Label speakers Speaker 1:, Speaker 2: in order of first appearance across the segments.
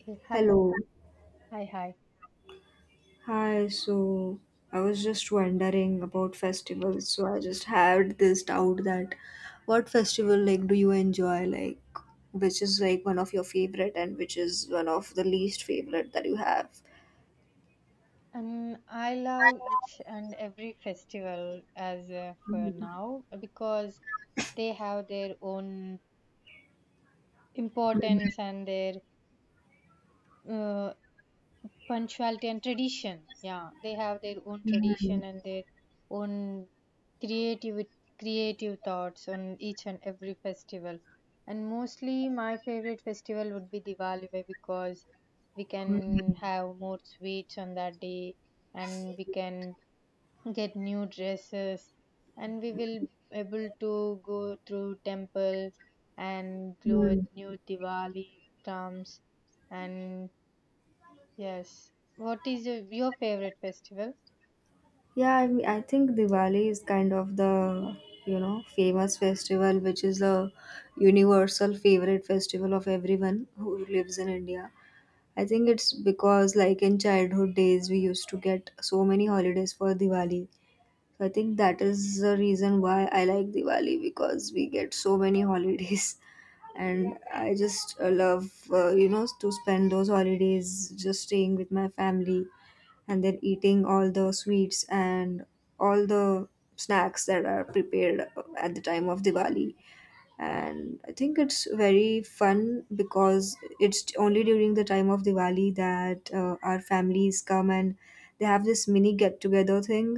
Speaker 1: Okay, hi,
Speaker 2: Hello.
Speaker 1: hi, hi.
Speaker 2: Hi. So I was just wondering about festivals. So I just had this doubt that what festival like do you enjoy like which is like one of your favorite and which is one of the least favorite that you have?
Speaker 1: I love each and every festival as for now because they have their own importance and their uh, punctuality and tradition. Yeah, they have their own
Speaker 2: Hmm.
Speaker 1: tradition and their own creative creative thoughts on each and every festival. And mostly, my favorite festival would be Diwali because we can have more sweets on that day, and we can get new dresses, and we will able to go through temples and glow at
Speaker 2: Hmm.
Speaker 1: new Diwali comes. And yes, what is your favorite festival?
Speaker 2: Yeah, I mean, I think Diwali is kind of the famous festival which is the universal favorite festival of everyone who lives in India. I think it's because like in childhood days we used to get so many holidays for Diwali. So I think that is the reason why I like Diwali because we get so many holidays and I just love to spend those holidays just staying with my family and then eating all the sweets and all the snacks that are prepared at the time of Diwali, and I think it's very fun because it's only during the time of Diwali that our families come and they have this mini get together thing.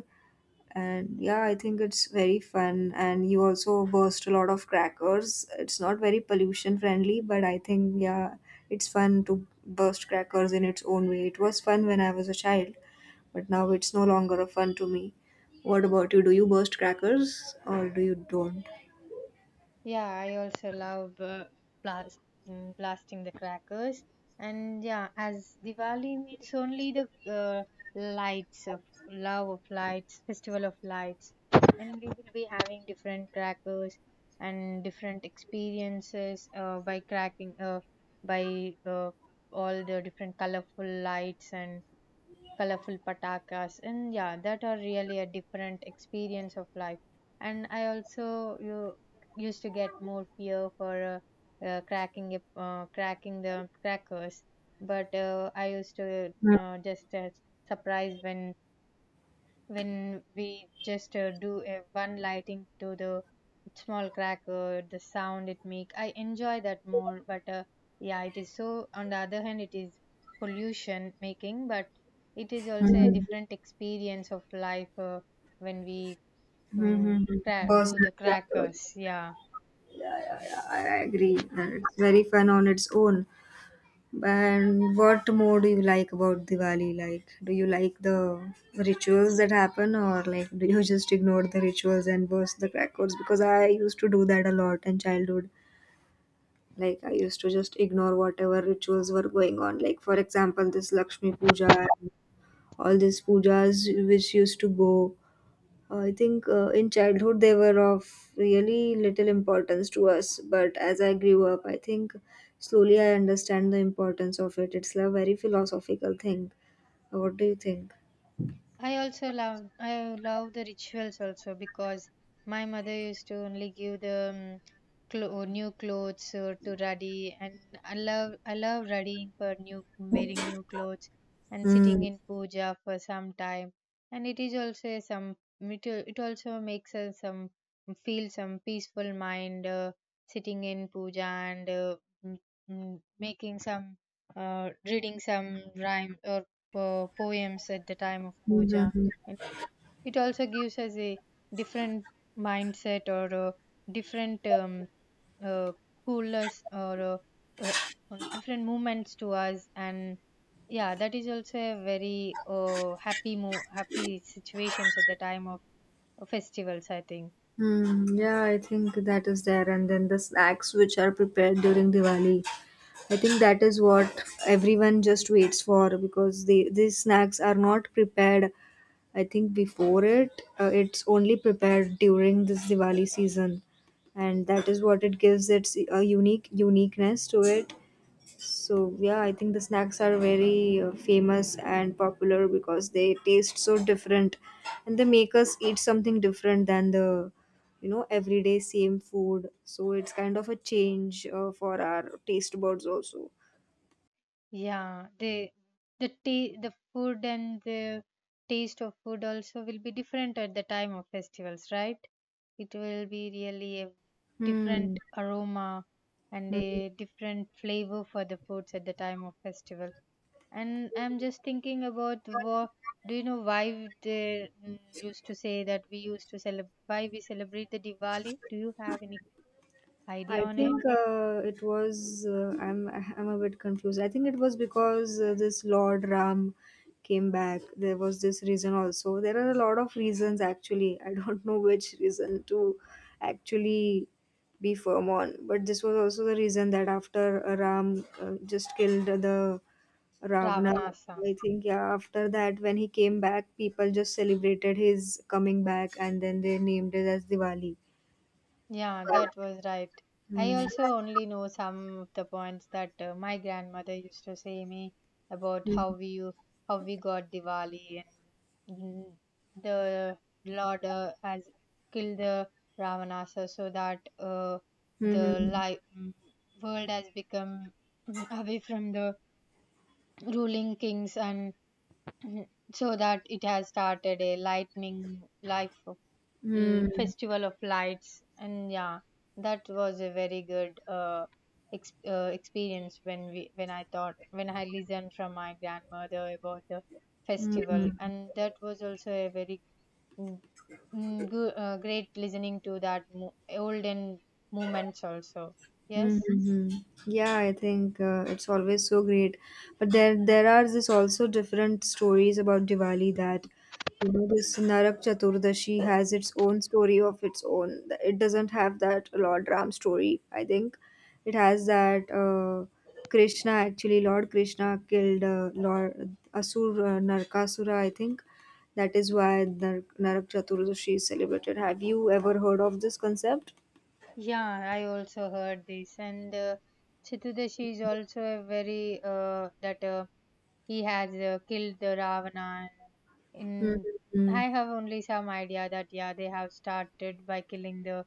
Speaker 2: And yeah, I think it's very fun. And you also burst a lot of crackers. It's not very pollution friendly, but I think, yeah, it's fun to burst crackers in its own way. It was fun when I was a child, but now it's no longer a fun to me. What about you? Do you burst crackers or do you don't?
Speaker 1: Yeah, I also love blast, blasting the crackers. And yeah, as Diwali means only the lights of love of lights, festival of lights. And we will be having different crackers and different experiences by cracking, by all the different colorful lights and colorful patakas. And yeah, that are really a different experience of life. And I also you used to get more fear for cracking it cracking the crackers. But I used to just surprise when we just do a one lighting to the small cracker, the sound it make, I enjoy that more. But yeah, it is so. On the other hand, it is pollution making, but it is also a
Speaker 2: Mhm.
Speaker 1: different experience of life when we
Speaker 2: Mm-hmm.
Speaker 1: do
Speaker 2: Personal
Speaker 1: the
Speaker 2: capital.
Speaker 1: crackers, yeah.
Speaker 2: I agree that it's very fun on its own. And what more do you like about Diwali? Like, do you like the rituals that happen, or like, do you just ignore the rituals and burst the crackers? Because I used to do that a lot in childhood. Like, I used to just ignore whatever rituals were going on. Like, for example, this Lakshmi Puja, and all these pujas which used to go. I think in childhood they were of really little importance to us, but as I grew up, I think slowly I understand the importance of it. It's a very philosophical thing. What do you think?
Speaker 1: I also love, I love the rituals also, because my mother used to only give the new clothes to ruddy, and I love ruddying for new, wearing new clothes and
Speaker 2: Hmm.
Speaker 1: sitting in puja for some time. And it is also a some it also makes us some feel some peaceful mind, sitting in puja. And uh, mm, mm, making some reading some rhyme or poems at the time of puja. And it also gives us a different mindset or a different uh, coolness or uh, different movements to us. And yeah, that is also a very uh, happy situations at the time of festivals, I think.
Speaker 2: Hmm. Yeah, I think that is there. And then the snacks which are prepared during Diwali, I think that is what everyone just waits for because these snacks are not prepared, I think, before it. Uh, it's only prepared during this Diwali season, and that is what it gives its a uniqueness to it. So yeah, I think the snacks are very famous and popular because they taste so different, and they make us eat something different than the everyday same food. So it's kind of a change for our taste buds also.
Speaker 1: Yeah, the tea, the food, and the taste of food also will be different at the time of festivals, right? It will be really a
Speaker 2: Hmm.
Speaker 1: different aroma and a different flavor for the foods at the time of festival. And I'm just thinking about what, do you know why they mm, used to say that we used to celebrate why we celebrate the Diwali? Do you have any idea
Speaker 2: I
Speaker 1: on
Speaker 2: think
Speaker 1: it?
Speaker 2: it was. I'm a bit confused. I think it was because this Lord Ram came back. There was this reason also. There are a lot of reasons actually. I don't know which reason to actually be firm on. But this was also the reason that after Ram just killed the Ravana,
Speaker 1: Ravanasa.
Speaker 2: I think, yeah. After that, when he came back, people just celebrated his coming back, and then they named it as Diwali.
Speaker 1: Yeah, that was right. I
Speaker 2: Hmm.
Speaker 1: also only know some of the points that my grandmother used to say me about
Speaker 2: Hmm.
Speaker 1: how we got Diwali. And the Lord has killed the Ravanasa, so that the
Speaker 2: Mhm.
Speaker 1: life world has become away from the ruling kings and so that it has started a lightning life, l-
Speaker 2: Mm.
Speaker 1: festival of lights. And yeah, that was a very good experience when we when I thought when I listened from my grandmother about the
Speaker 2: Hmm.
Speaker 1: festival. And that was also a very mm, great listening to that olden moments also, yes.
Speaker 2: Mm-hmm. Yeah, I think it's always so great. But there are this also different stories about Diwali that, this Narak Chaturdashi has its own story of its own. It doesn't have that Lord Ram story. I think it has that Krishna, actually, Lord Krishna killed Lord Asur Narakasura. I think that is why Narak Chaturdashi is celebrated. Have you ever heard of this concept?
Speaker 1: Yeah, I also heard this. And Chitudeshi is also a very that he has killed the Ravana. And in,
Speaker 2: Mm-hmm.
Speaker 1: I have only some idea that yeah, they have started by killing the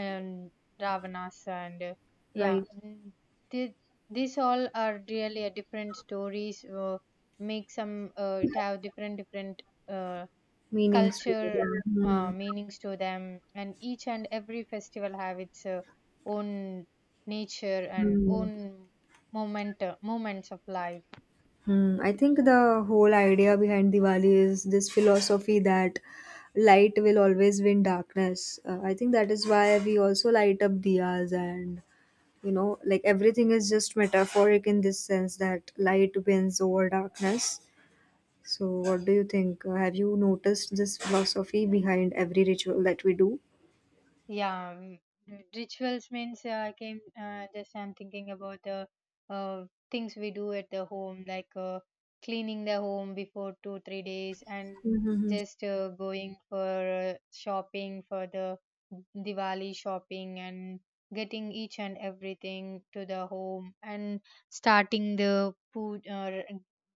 Speaker 1: um, Ravanas. and uh, yeah,
Speaker 2: Right.
Speaker 1: mm, thi- these all are really a different stories. Make some, it have different uh,
Speaker 2: Meanings to
Speaker 1: culture
Speaker 2: it. Hmm.
Speaker 1: meanings to them, and each and every festival have its own nature and
Speaker 2: Hmm.
Speaker 1: own moment, moments of life.
Speaker 2: Hmm. I think the whole idea behind Diwali is this philosophy that light will always win darkness. I think that is why we also light up diyas, and like everything is just metaphoric in this sense that light wins over darkness. So what do you think? Have you noticed this philosophy behind every ritual that we do?
Speaker 1: Yeah, rituals means, I came just I'm thinking about the uh, things we do at the home, like cleaning the home before two three days, and
Speaker 2: Mm-hmm.
Speaker 1: just going for shopping for the Diwali shopping and getting each and everything to the home and starting the food or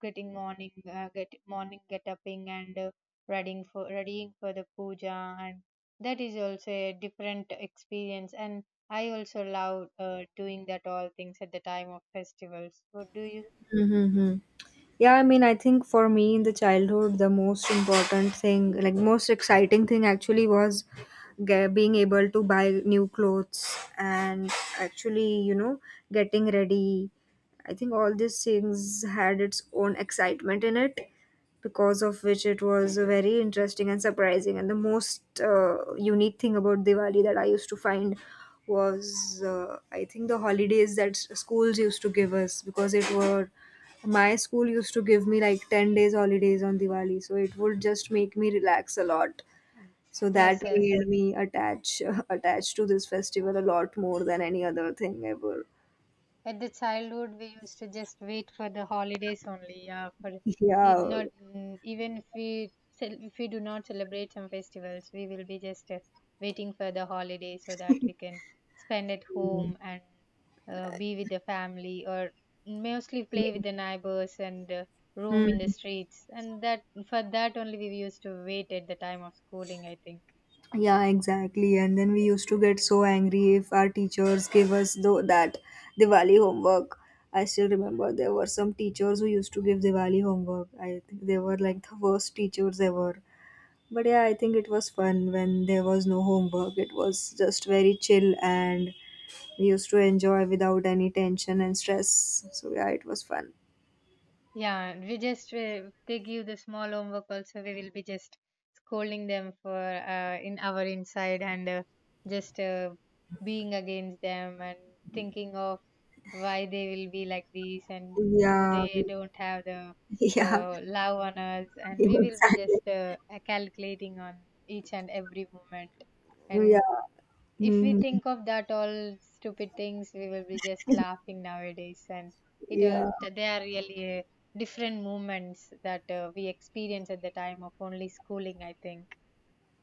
Speaker 1: getting morning get upping. And readying for the puja. And that is also a different experience. And I also love doing that all things at the time of festivals. What do you?
Speaker 2: Mm-hmm. Yeah, I mean, I think for me in the childhood, the most important thing, like most exciting thing actually, was being able to buy new clothes and, actually, getting ready. I think all these things had its own excitement in it, because of which it was very interesting and surprising. And the most unique thing about Diwali that I used to find was, I think, the holidays that schools used to give us, because it were my school used to give me like 10 days holidays on Diwali, so it would just make me relax a lot. So that
Speaker 1: Yes,
Speaker 2: made
Speaker 1: yes.
Speaker 2: me attach attached to this festival a lot more than any other thing ever.
Speaker 1: At the childhood, we used to just wait for the holidays only. Yeah, for it
Speaker 2: Yeah.
Speaker 1: not, even if we if we do not celebrate some festivals, we will be just waiting for the holiday so that we can spend at home and be with the family, or mostly play with the neighbors and roam
Speaker 2: Hmm.
Speaker 1: in the streets. And that for that only we used to wait at the time of schooling, I think.
Speaker 2: Yeah, exactly. And then we used to get so angry if our teachers gave us though that Diwali homework. I still remember there were some teachers who used to give Diwali homework. I think they were like the worst teachers ever. But yeah, I think it was fun when there was no homework. It was just very chill and we used to enjoy without any tension and stress. So yeah, it was fun.
Speaker 1: Yeah, we just, they give the small homework also, we will be just scolding them for in our inside, and just being against them and thinking of why they will be like this and do
Speaker 2: Yeah,
Speaker 1: they
Speaker 2: we-
Speaker 1: don't have the
Speaker 2: yeah,
Speaker 1: love on us. And we will be
Speaker 2: Exactly.
Speaker 1: just calculating on each and every moment.
Speaker 2: Yeah.
Speaker 1: And if we
Speaker 2: Hmm.
Speaker 1: think of that all stupid things, we will be just laughing nowadays. And it all,
Speaker 2: Yeah.
Speaker 1: they are really different moments that we experience at the time of only schooling, I think.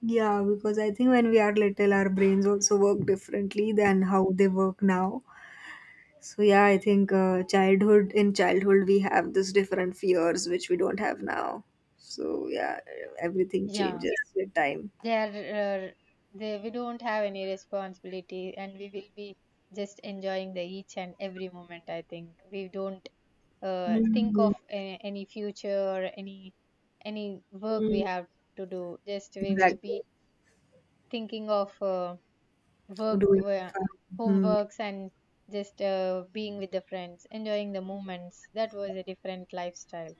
Speaker 2: Yeah, because I think when we are little, our brains also work differently than how they work now. So yeah, I think childhood in childhood we have this different fears which we don't have now. So yeah, everything
Speaker 1: Yeah,
Speaker 2: changes with time.
Speaker 1: they are they, we don't have any responsibility, and we will be just enjoying the each and every moment, I think. We don't think
Speaker 2: Mhm,
Speaker 1: of any future or any work we
Speaker 2: mm,
Speaker 1: have to do. Just we will
Speaker 2: exactly.
Speaker 1: be thinking of work
Speaker 2: Doing
Speaker 1: wo-
Speaker 2: fun. Mhm.
Speaker 1: homeworks and just being with the friends, enjoying the moments. That was a different lifestyle.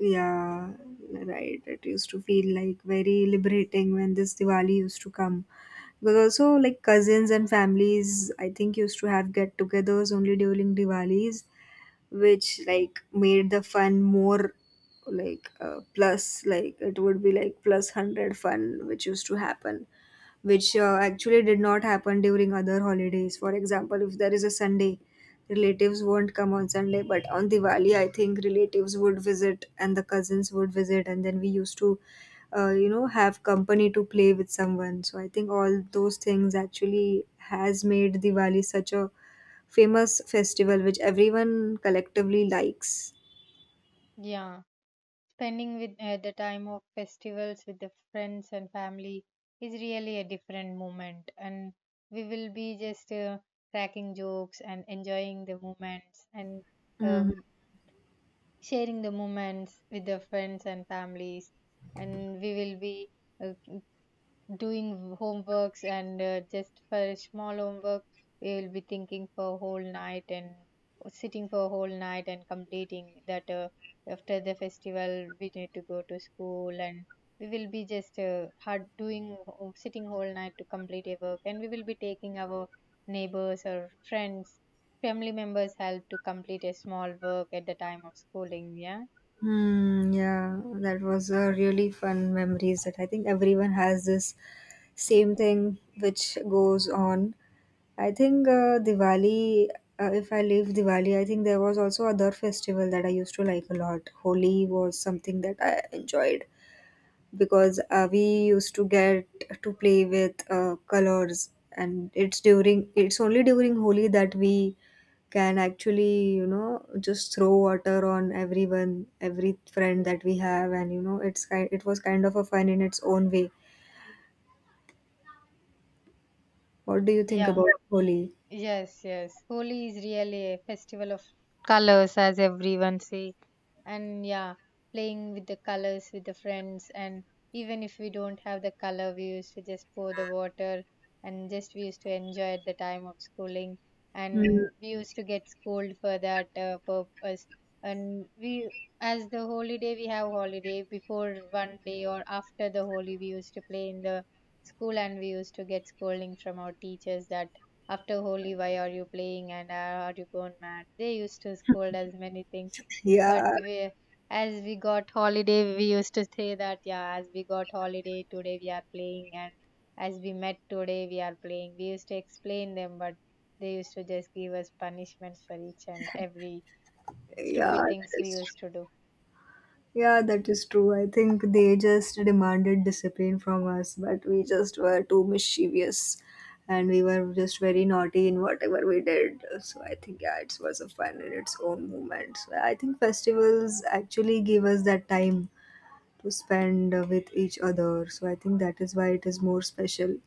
Speaker 2: Yeah, right. It used to feel like very liberating when this Diwali used to come. Because also like cousins and families, I think, used to have get-togethers only during Diwalis, which like made the fun more, like plus, like it would be like plus 100 fun which used to happen, which actually did not happen during other holidays. For example, if there is a Sunday, relatives won't come on Sunday, but on Diwali, I think relatives would visit and the cousins would visit, and then we used to have company to play with someone. So I think all those things actually has made Diwali such a famous festival which everyone collectively likes.
Speaker 1: Yeah, spending with the time of festivals with the friends and family is really a different moment. And we will be just cracking jokes and enjoying the moments and
Speaker 2: Hmm.
Speaker 1: um sharing the moments with the friends and families. And we will be uh, doing homeworks, and just for a small homework, we will be thinking for a whole night and sitting for a whole night and completing that. After the festival, we need to go to school, and we will be just hard doing sitting whole night to complete a work. And we will be taking our neighbors or friends, family members help to complete a small work at the time of schooling, yeah,
Speaker 2: Hmm, yeah, that was a really fun memories that I think everyone has this same thing which goes on. I think if I leave Diwali, I think there was also other festival that I used to like a lot. Holi was something that I enjoyed because we used to get to play with colors, and it's only during Holi that we can, actually, just throw water on everyone, every friend that we have, and it was kind of a fun in its own way. What do you think
Speaker 1: yeah.
Speaker 2: about Holi?
Speaker 1: Yes, yes. Holi is really a festival of colors, as everyone say. And yeah, playing with the colors with the friends. And even if we don't have the color, we used to just pour the water, and just we used to enjoy at the time of schooling.
Speaker 2: Hmm.
Speaker 1: And we used to get scolded for that purpose. And we, as the holiday, we have holiday before one day or after the holy, we used to play in the school, and we used to get scolding from our teachers that after holy why are you playing and are you gone mad. They used to scold us many things. But
Speaker 2: Yeah,
Speaker 1: we, as we got holiday, we used to say that yeah, as we got holiday today we are playing, and as we met today we are playing, we used to explain them. But they used to just give us punishments for each and every
Speaker 2: yeah,
Speaker 1: stupid
Speaker 2: that
Speaker 1: things we
Speaker 2: is
Speaker 1: used to do.
Speaker 2: Yeah, that is true. I think they just demanded discipline from us, but we just were too mischievous and we were just very naughty in whatever we did. So I think, yeah, it was a fun in its own moment. So I think festivals actually give us that time to spend with each other. So I think that is why it is more special,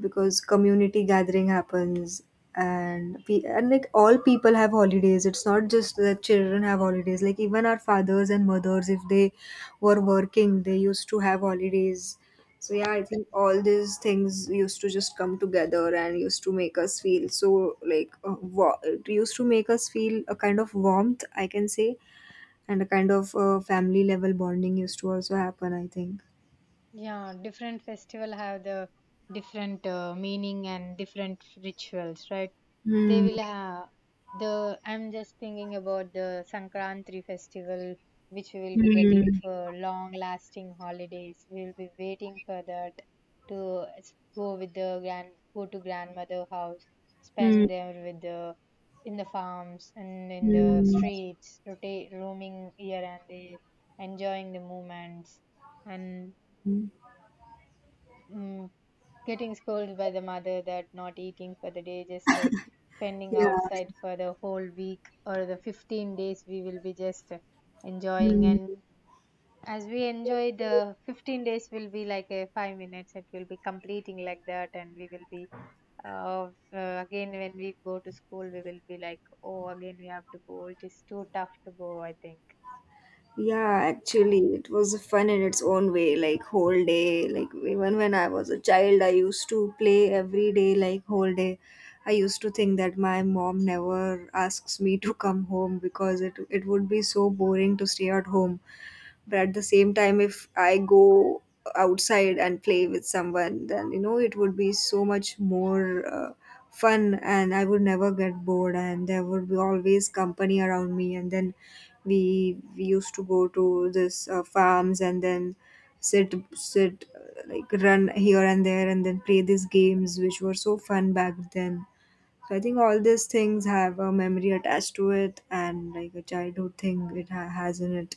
Speaker 2: because community gathering happens, and like all people have holidays. It's not just that children have holidays, like even our fathers and mothers, if they were working, they used to have holidays. So yeah, I think all these things used to just come together and used to make us feel so like it used to make us feel a kind of warmth, I can say, and a kind of family level bonding used to also happen, I think.
Speaker 1: Yeah, different festival have the different meaning and different rituals, right? They
Speaker 2: Hmm.
Speaker 1: will have the, I'm just thinking about the Sankranti festival, which we will be getting
Speaker 2: Hmm.
Speaker 1: for long-lasting holidays. We will be waiting for that go with the grand, go to grandmother house,
Speaker 2: Hmm.
Speaker 1: spend there with the in the farms and in the streets, rotate roaming here and there, enjoying the moments and
Speaker 2: Hmm.
Speaker 1: mm, getting scolded by the mother that not eating for the day, just spending
Speaker 2: Yeah.
Speaker 1: outside for the whole week or the 15 days, we will be just enjoying.
Speaker 2: Mm.
Speaker 1: And as we enjoy, the 15 days will be like a 5 minutes, it will be completing like that, and we will be. Again, when we go to school, we will be like, oh, again, we have to go. It is too tough to go, I think.
Speaker 2: Yeah, actually, it was fun in its own way, like whole day. Like even when I was a child, I used to play every day, like whole day. I used to think that my mom never asks me to come home, because it would be so boring to stay at home. But at the same time, if I go outside and play with someone, then it would be so much more uh, fun, and I would never get bored, and there would be always company around me. And then we used to go to this farms, and then sit sit like run here and there, and then play these games which were so fun back then. So I think all these things have a memory attached to it, and like a childhood thing it has in it.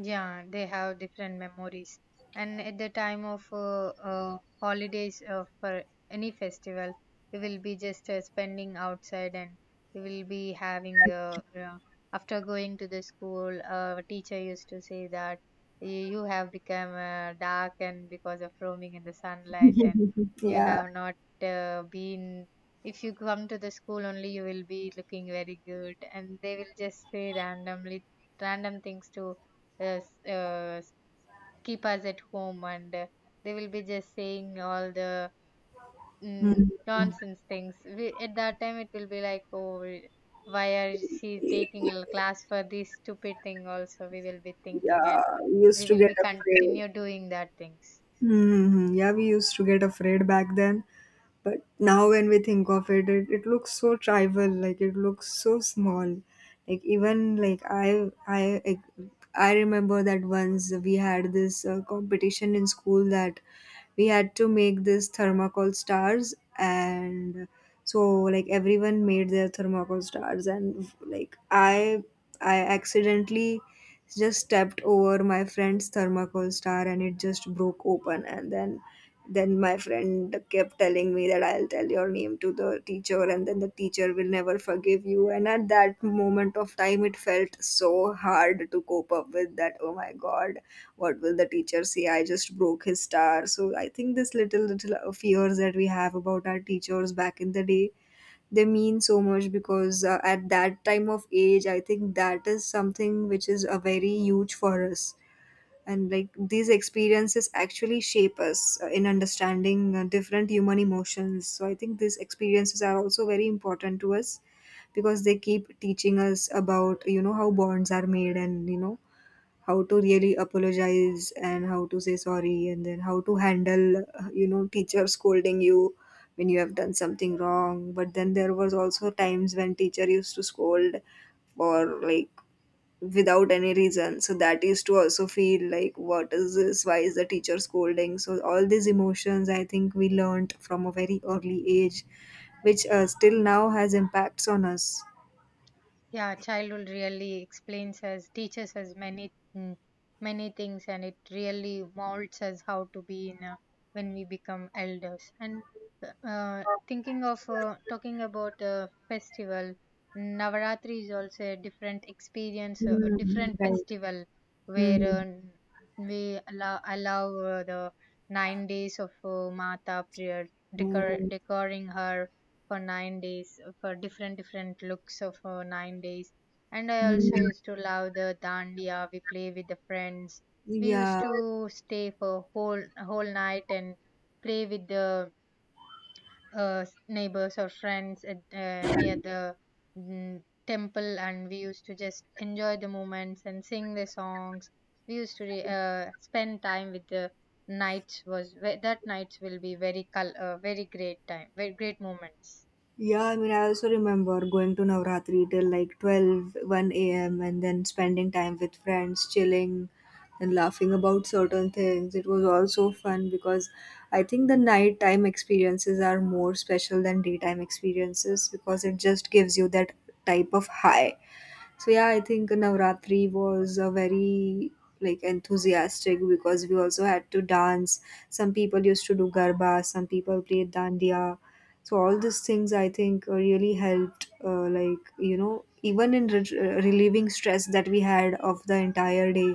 Speaker 1: Yeah, they have different memories. And at the time of holidays for any festival, we will be just spending outside. And we will be having, after going to the school, teacher used to say that, You have become dark and because of roaming in the sunlight, and you
Speaker 2: Yeah.
Speaker 1: have not been, if you come to the school only, you will be looking very good." And they will just say randomly, random things to uh, s- uh, keep us at home and they will be just saying all the nonsense things at that time it will be like, oh, why are she taking a class for this stupid thing also, we will be thinking, and
Speaker 2: Yeah, we used
Speaker 1: we
Speaker 2: to
Speaker 1: will
Speaker 2: get
Speaker 1: be
Speaker 2: afraid.
Speaker 1: continue doing that things.
Speaker 2: Hmm. Yeah, we used to get afraid back then. But now when we think of it, it looks so trivial. Like it looks so small. Like I remember that once we had this competition in school that we had to make these thermocol stars and so like everyone made their thermocol stars and I accidentally just stepped over my friend's thermocol star and it just broke open and then my friend kept telling me that I'll tell your name to the teacher and then the teacher will never forgive you, and at that moment of time it felt so hard to cope up with that. Oh my god, what will the teacher say? I just broke his star. So I think this little fears that we have about our teachers back in the day, they mean so much because at that time of age I think that is something which is a very huge for us. And like these experiences actually shape us in understanding different human emotions. So I think these experiences are also very important to us because they keep teaching us about, you know, how bonds are made, and you know, how to really apologize and how to say sorry, and then how to handle, you know, teacher scolding you when you have done something wrong. But then there was also times when teacher used to scold for like without any reason. So that used to also feel like what is this, why is the teacher scolding? So all these emotions I think we learned from a very early age, which still now has impacts on us.
Speaker 1: Yeah, childhood really explains us, teaches us many many things, and it really molds us how to be in a, when we become elders. And thinking of talking about a festival, Navaratri is also a different experience, a
Speaker 2: Mm,
Speaker 1: different
Speaker 2: right.
Speaker 1: festival
Speaker 2: Hmm.
Speaker 1: where we allow the 9 days of Mata prayer,
Speaker 2: Yeah,
Speaker 1: decor,
Speaker 2: right.
Speaker 1: decorating her for 9 days for different different looks of 9 days. And I also
Speaker 2: Mhm.
Speaker 1: used to love the dandiya we play with the friends. We used
Speaker 2: Yeah.
Speaker 1: to stay for whole night and play with the neighbors or friends at, near the mm, temple, and we used to just enjoy the moments and sing the songs. We used to spend time with the nights that nights will be very great time, very great moments.
Speaker 2: Yeah, I mean, I also remember going to Navratri till like twelve one a.m., and then spending time with friends, chilling and laughing about certain things. It was also fun because I think the nighttime experiences are more special than daytime experiences because it just gives you that type of high. So yeah, I think Navratri was a very like enthusiastic because we also had to dance. Some people used to do garba, some people played dandiya. So all these things I think really helped, like you know, even in relieving stress that we had of the entire day.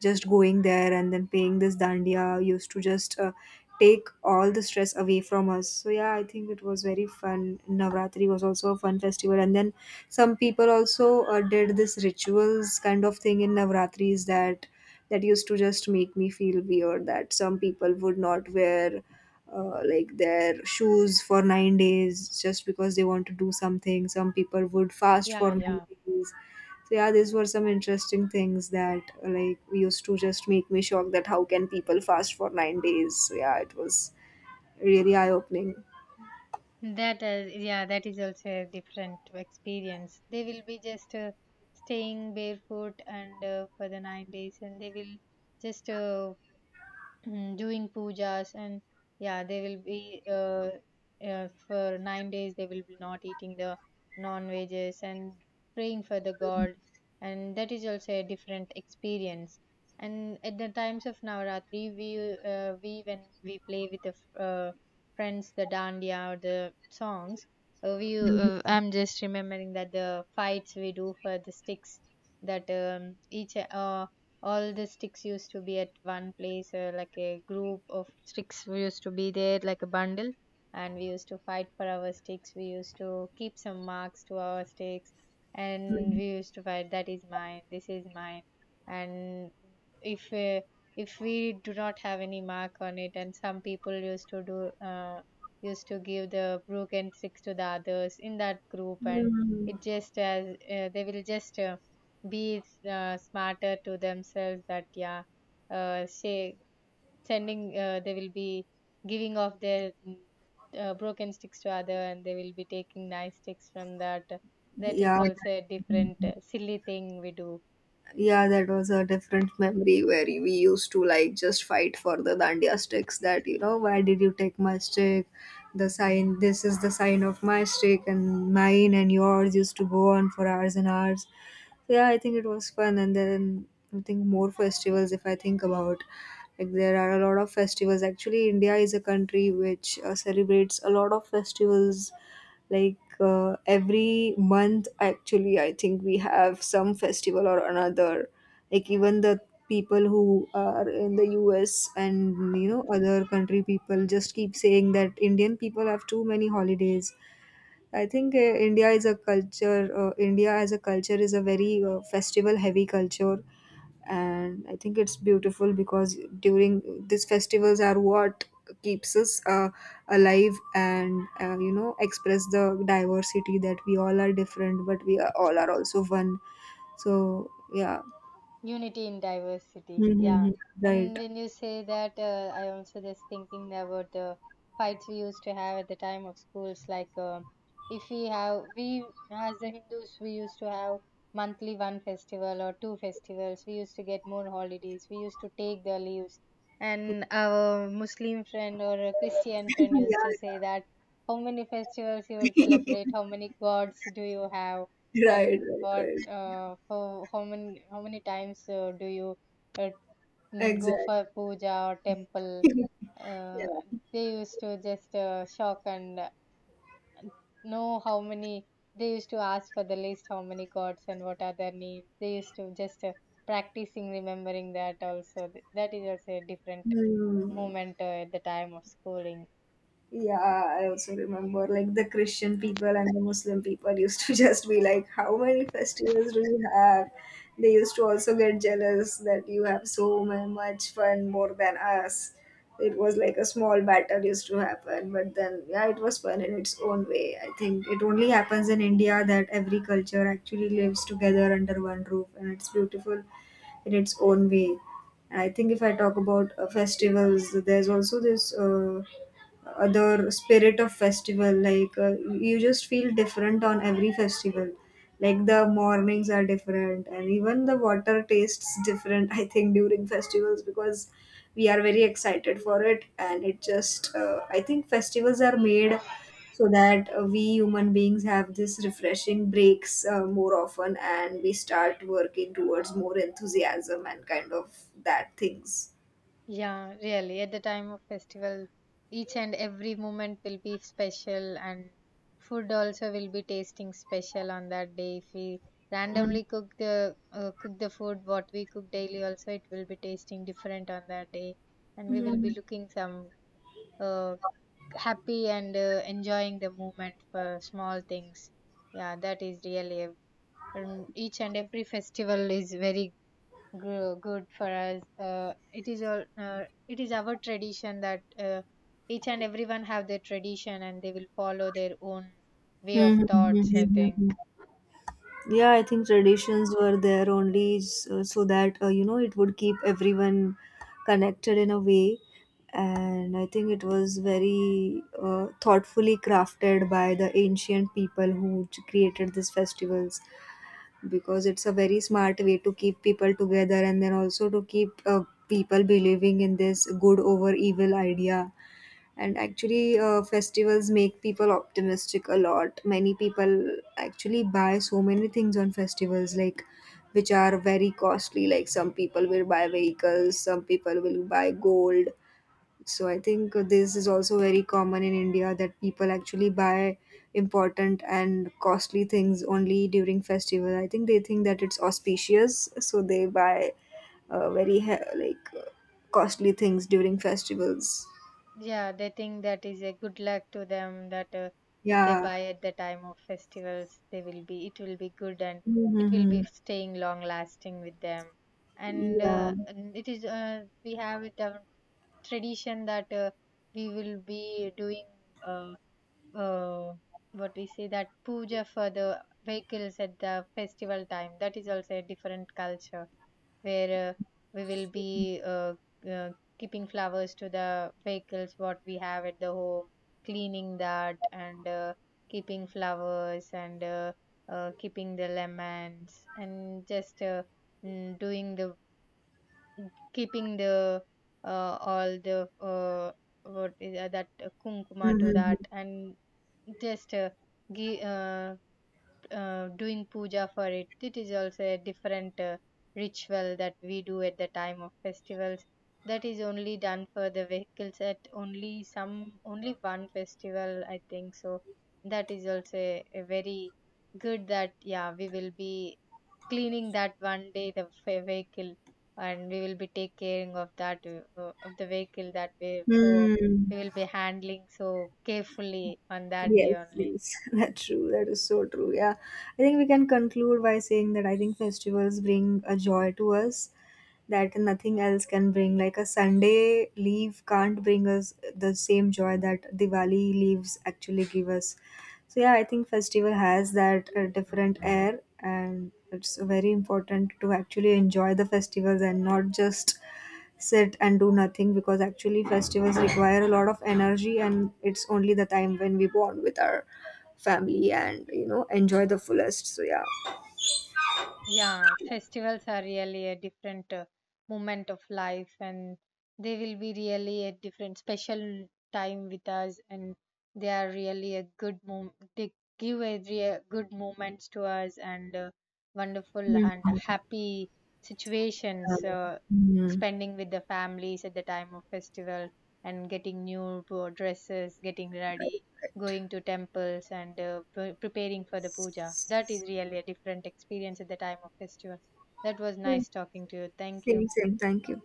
Speaker 2: Just going there and then paying this dandiya used to just take all the stress away from us. So yeah, I think it was very fun. Navratri was also a fun festival, and then some people also did this rituals kind of thing in navratris that used to just make me feel weird that some people would not wear like their shoes for 9 days just because they want to do something. Some people would fast for
Speaker 1: Yeah,
Speaker 2: 9
Speaker 1: yeah.
Speaker 2: days. So yeah, these were some interesting things that like used to just make me shocked that how can people fast for 9 days. So yeah, it was really eye opening.
Speaker 1: That is, yeah, that is also a different experience. They will be just staying barefoot and for the 9 days, and they will just doing pujas and yeah, they will be for 9 days they will be not eating the non veggies and praying for the god, and that is also a different experience. And at the times of Navaratri we when we play with the friends, the dandiya or the songs, we I'm just remembering that the fights we do for the sticks. That each all the sticks used to be at one place, like a group of sticks used to be there like a bundle, and we used to fight for our sticks. We used to keep some marks to our sticks, and we used to fight that is mine, this is mine. And if uh, if we do not have any mark on it, and some people used to do used to give the broken sticks to the others in that group, and
Speaker 2: Mhm.
Speaker 1: it just as they will just smarter to themselves that yeah, say sending they will be giving off their broken sticks to other, and they will be taking nice sticks from that. That
Speaker 2: Yeah.
Speaker 1: is also a different silly thing we do.
Speaker 2: Yeah, that was a different memory where we used to like just fight for the dandiya sticks that, you know, why did you take my stick? The sign, this is the sign of my stick, and mine and yours used to go on for hours and hours. So, yeah, I think it was fun. And then I think more festivals, if I think about. Like there are a lot of festivals. Actually, India is a country which celebrates a lot of festivals. Like every month, actually, I think we have some festival or another. Like even the people who are in the US, and you know, other country people just keep saying that Indian people have too many holidays. I think India is a culture. India as a culture is a very festival heavy culture, and I think it's beautiful because during these festivals are what keeps us alive and you know express the diversity that we all are different, but we are, all are also one. So yeah.
Speaker 1: Unity in diversity, yeah.
Speaker 2: Mm-hmm. Right.
Speaker 1: And when you say that, I also just thinking about the fights we used to have at the time of schools. Like, um, if we have, we as the Hindus, we used to have monthly one festival or two festivals. We used to get more holidays. We used to take the leaves.
Speaker 2: Yeah,
Speaker 1: And our Muslim friend or a Christian friend used to say that, how many festivals you will celebrate? How many gods do you have?
Speaker 2: yeah. Right,
Speaker 1: And
Speaker 2: right,
Speaker 1: what
Speaker 2: right.
Speaker 1: how many times do you uh, go
Speaker 2: Exactly.
Speaker 1: for puja or temple, uh,
Speaker 2: Yeah.
Speaker 1: they used to just shock and know how many, they used to ask for the list how many gods and what are their names. They used to just practicing remembering that also. That is also a different
Speaker 2: Hmm.
Speaker 1: moment at the time of schooling.
Speaker 2: Yeah, I also remember like the Christian people and the Muslim people used to just be like, How many festivals do you have? They used to also get jealous that you have much fun more than us. It was like a small battle used to happen, but then, yeah, it was fun in its own way. I think it only happens in India that every culture actually lives together under one roof, and it's beautiful in its own way. And I think if I talk about festivals, there's also this. Other spirit of festival like you just feel different on every festival, like the mornings are different and even the water tastes different. I think during festivals, because we are very excited for it, and it just I think festivals are made so that we human beings have this refreshing breaks more often, and we start working towards more enthusiasm and kind of that things.
Speaker 1: Yeah, really. At the time of festival, each and every moment will be special, and food also will be tasting special on that day. If we
Speaker 2: Mm.
Speaker 1: randomly cook the food what we cook daily, also it will be tasting different on that day, and we will be
Speaker 2: Mm.
Speaker 1: looking some uh, happy and enjoying the moment for small things. Yeah, that is really a, each and every festival is very good for us. It is all. It is our tradition that each and everyone have their tradition, and they will follow their own way of thoughts, I
Speaker 2: Mhm.
Speaker 1: think.
Speaker 2: Yeah, I think traditions were there only so that you know it would keep everyone connected in a way, and I think it was very thoughtfully crafted by the ancient people who created these festivals because it's a very smart way to keep people together, and then also to keep people believing in this good over evil idea. And actually festivals make people optimistic. A lot many people actually buy so many things on festivals, like which are very costly. Like some people will buy vehicles, some people will buy gold. So I think this is also very common in India that people actually buy important and costly things only during festival. I think they think that it's auspicious so they buy very he- like costly things during festivals.
Speaker 1: Yeah, they think that is a good luck to them, that if they
Speaker 2: Yeah.
Speaker 1: buy at the time of festivals, they will be. It will be good, and it will
Speaker 2: Hmm.
Speaker 1: be staying long lasting with them.
Speaker 2: Yeah.
Speaker 1: And it is. We have it our tradition that we will be doing. Uh, uh, what we say that puja for the vehicles at the festival time. That is also a different culture where we will be uh, keeping flowers to the vehicles what we have at the home, cleaning that and keeping flowers and keeping the lemons and just doing the keeping the all the what is that kumkuma to
Speaker 2: Mm-hmm.
Speaker 1: that and just gi- uh, doing puja for it. It is also a different ritual that we do at the time of festivals. That is only done for the vehicles at only some only one festival, I think. So that is also a very good that yeah, we will be cleaning that one day the vehicle, and we will be taking caring of that of the vehicle that way. So
Speaker 2: Mm.
Speaker 1: we will be handling so carefully on that day
Speaker 2: Yes,
Speaker 1: only.
Speaker 2: yes. That's true. That is so true. Yeah. I think we can conclude by saying that I think festivals bring a joy to us that nothing else can bring. Like a Sunday leave can't bring us the same joy that Diwali leaves actually give us. So yeah, I think festival has that different air, and it's very important to actually enjoy the festivals and not just sit and do nothing, because actually festivals require a lot of energy, and it's only the time when we bond with our family and you know enjoy the fullest. So yeah.
Speaker 1: Yeah, festivals are really a different moment of life, and they will be really a different special time with us, and they are really a good mom. They give a real good moments to us and wonderful and
Speaker 2: Hmm.
Speaker 1: happy situations.
Speaker 2: Um. Mm.
Speaker 1: Spending with the families at the time of festival and getting new dresses, getting ready, going to temples and preparing for the puja. That is really a different experience at the time of festival. That was
Speaker 2: Same,
Speaker 1: nice talking to you. Thank you.
Speaker 2: same. Thank you.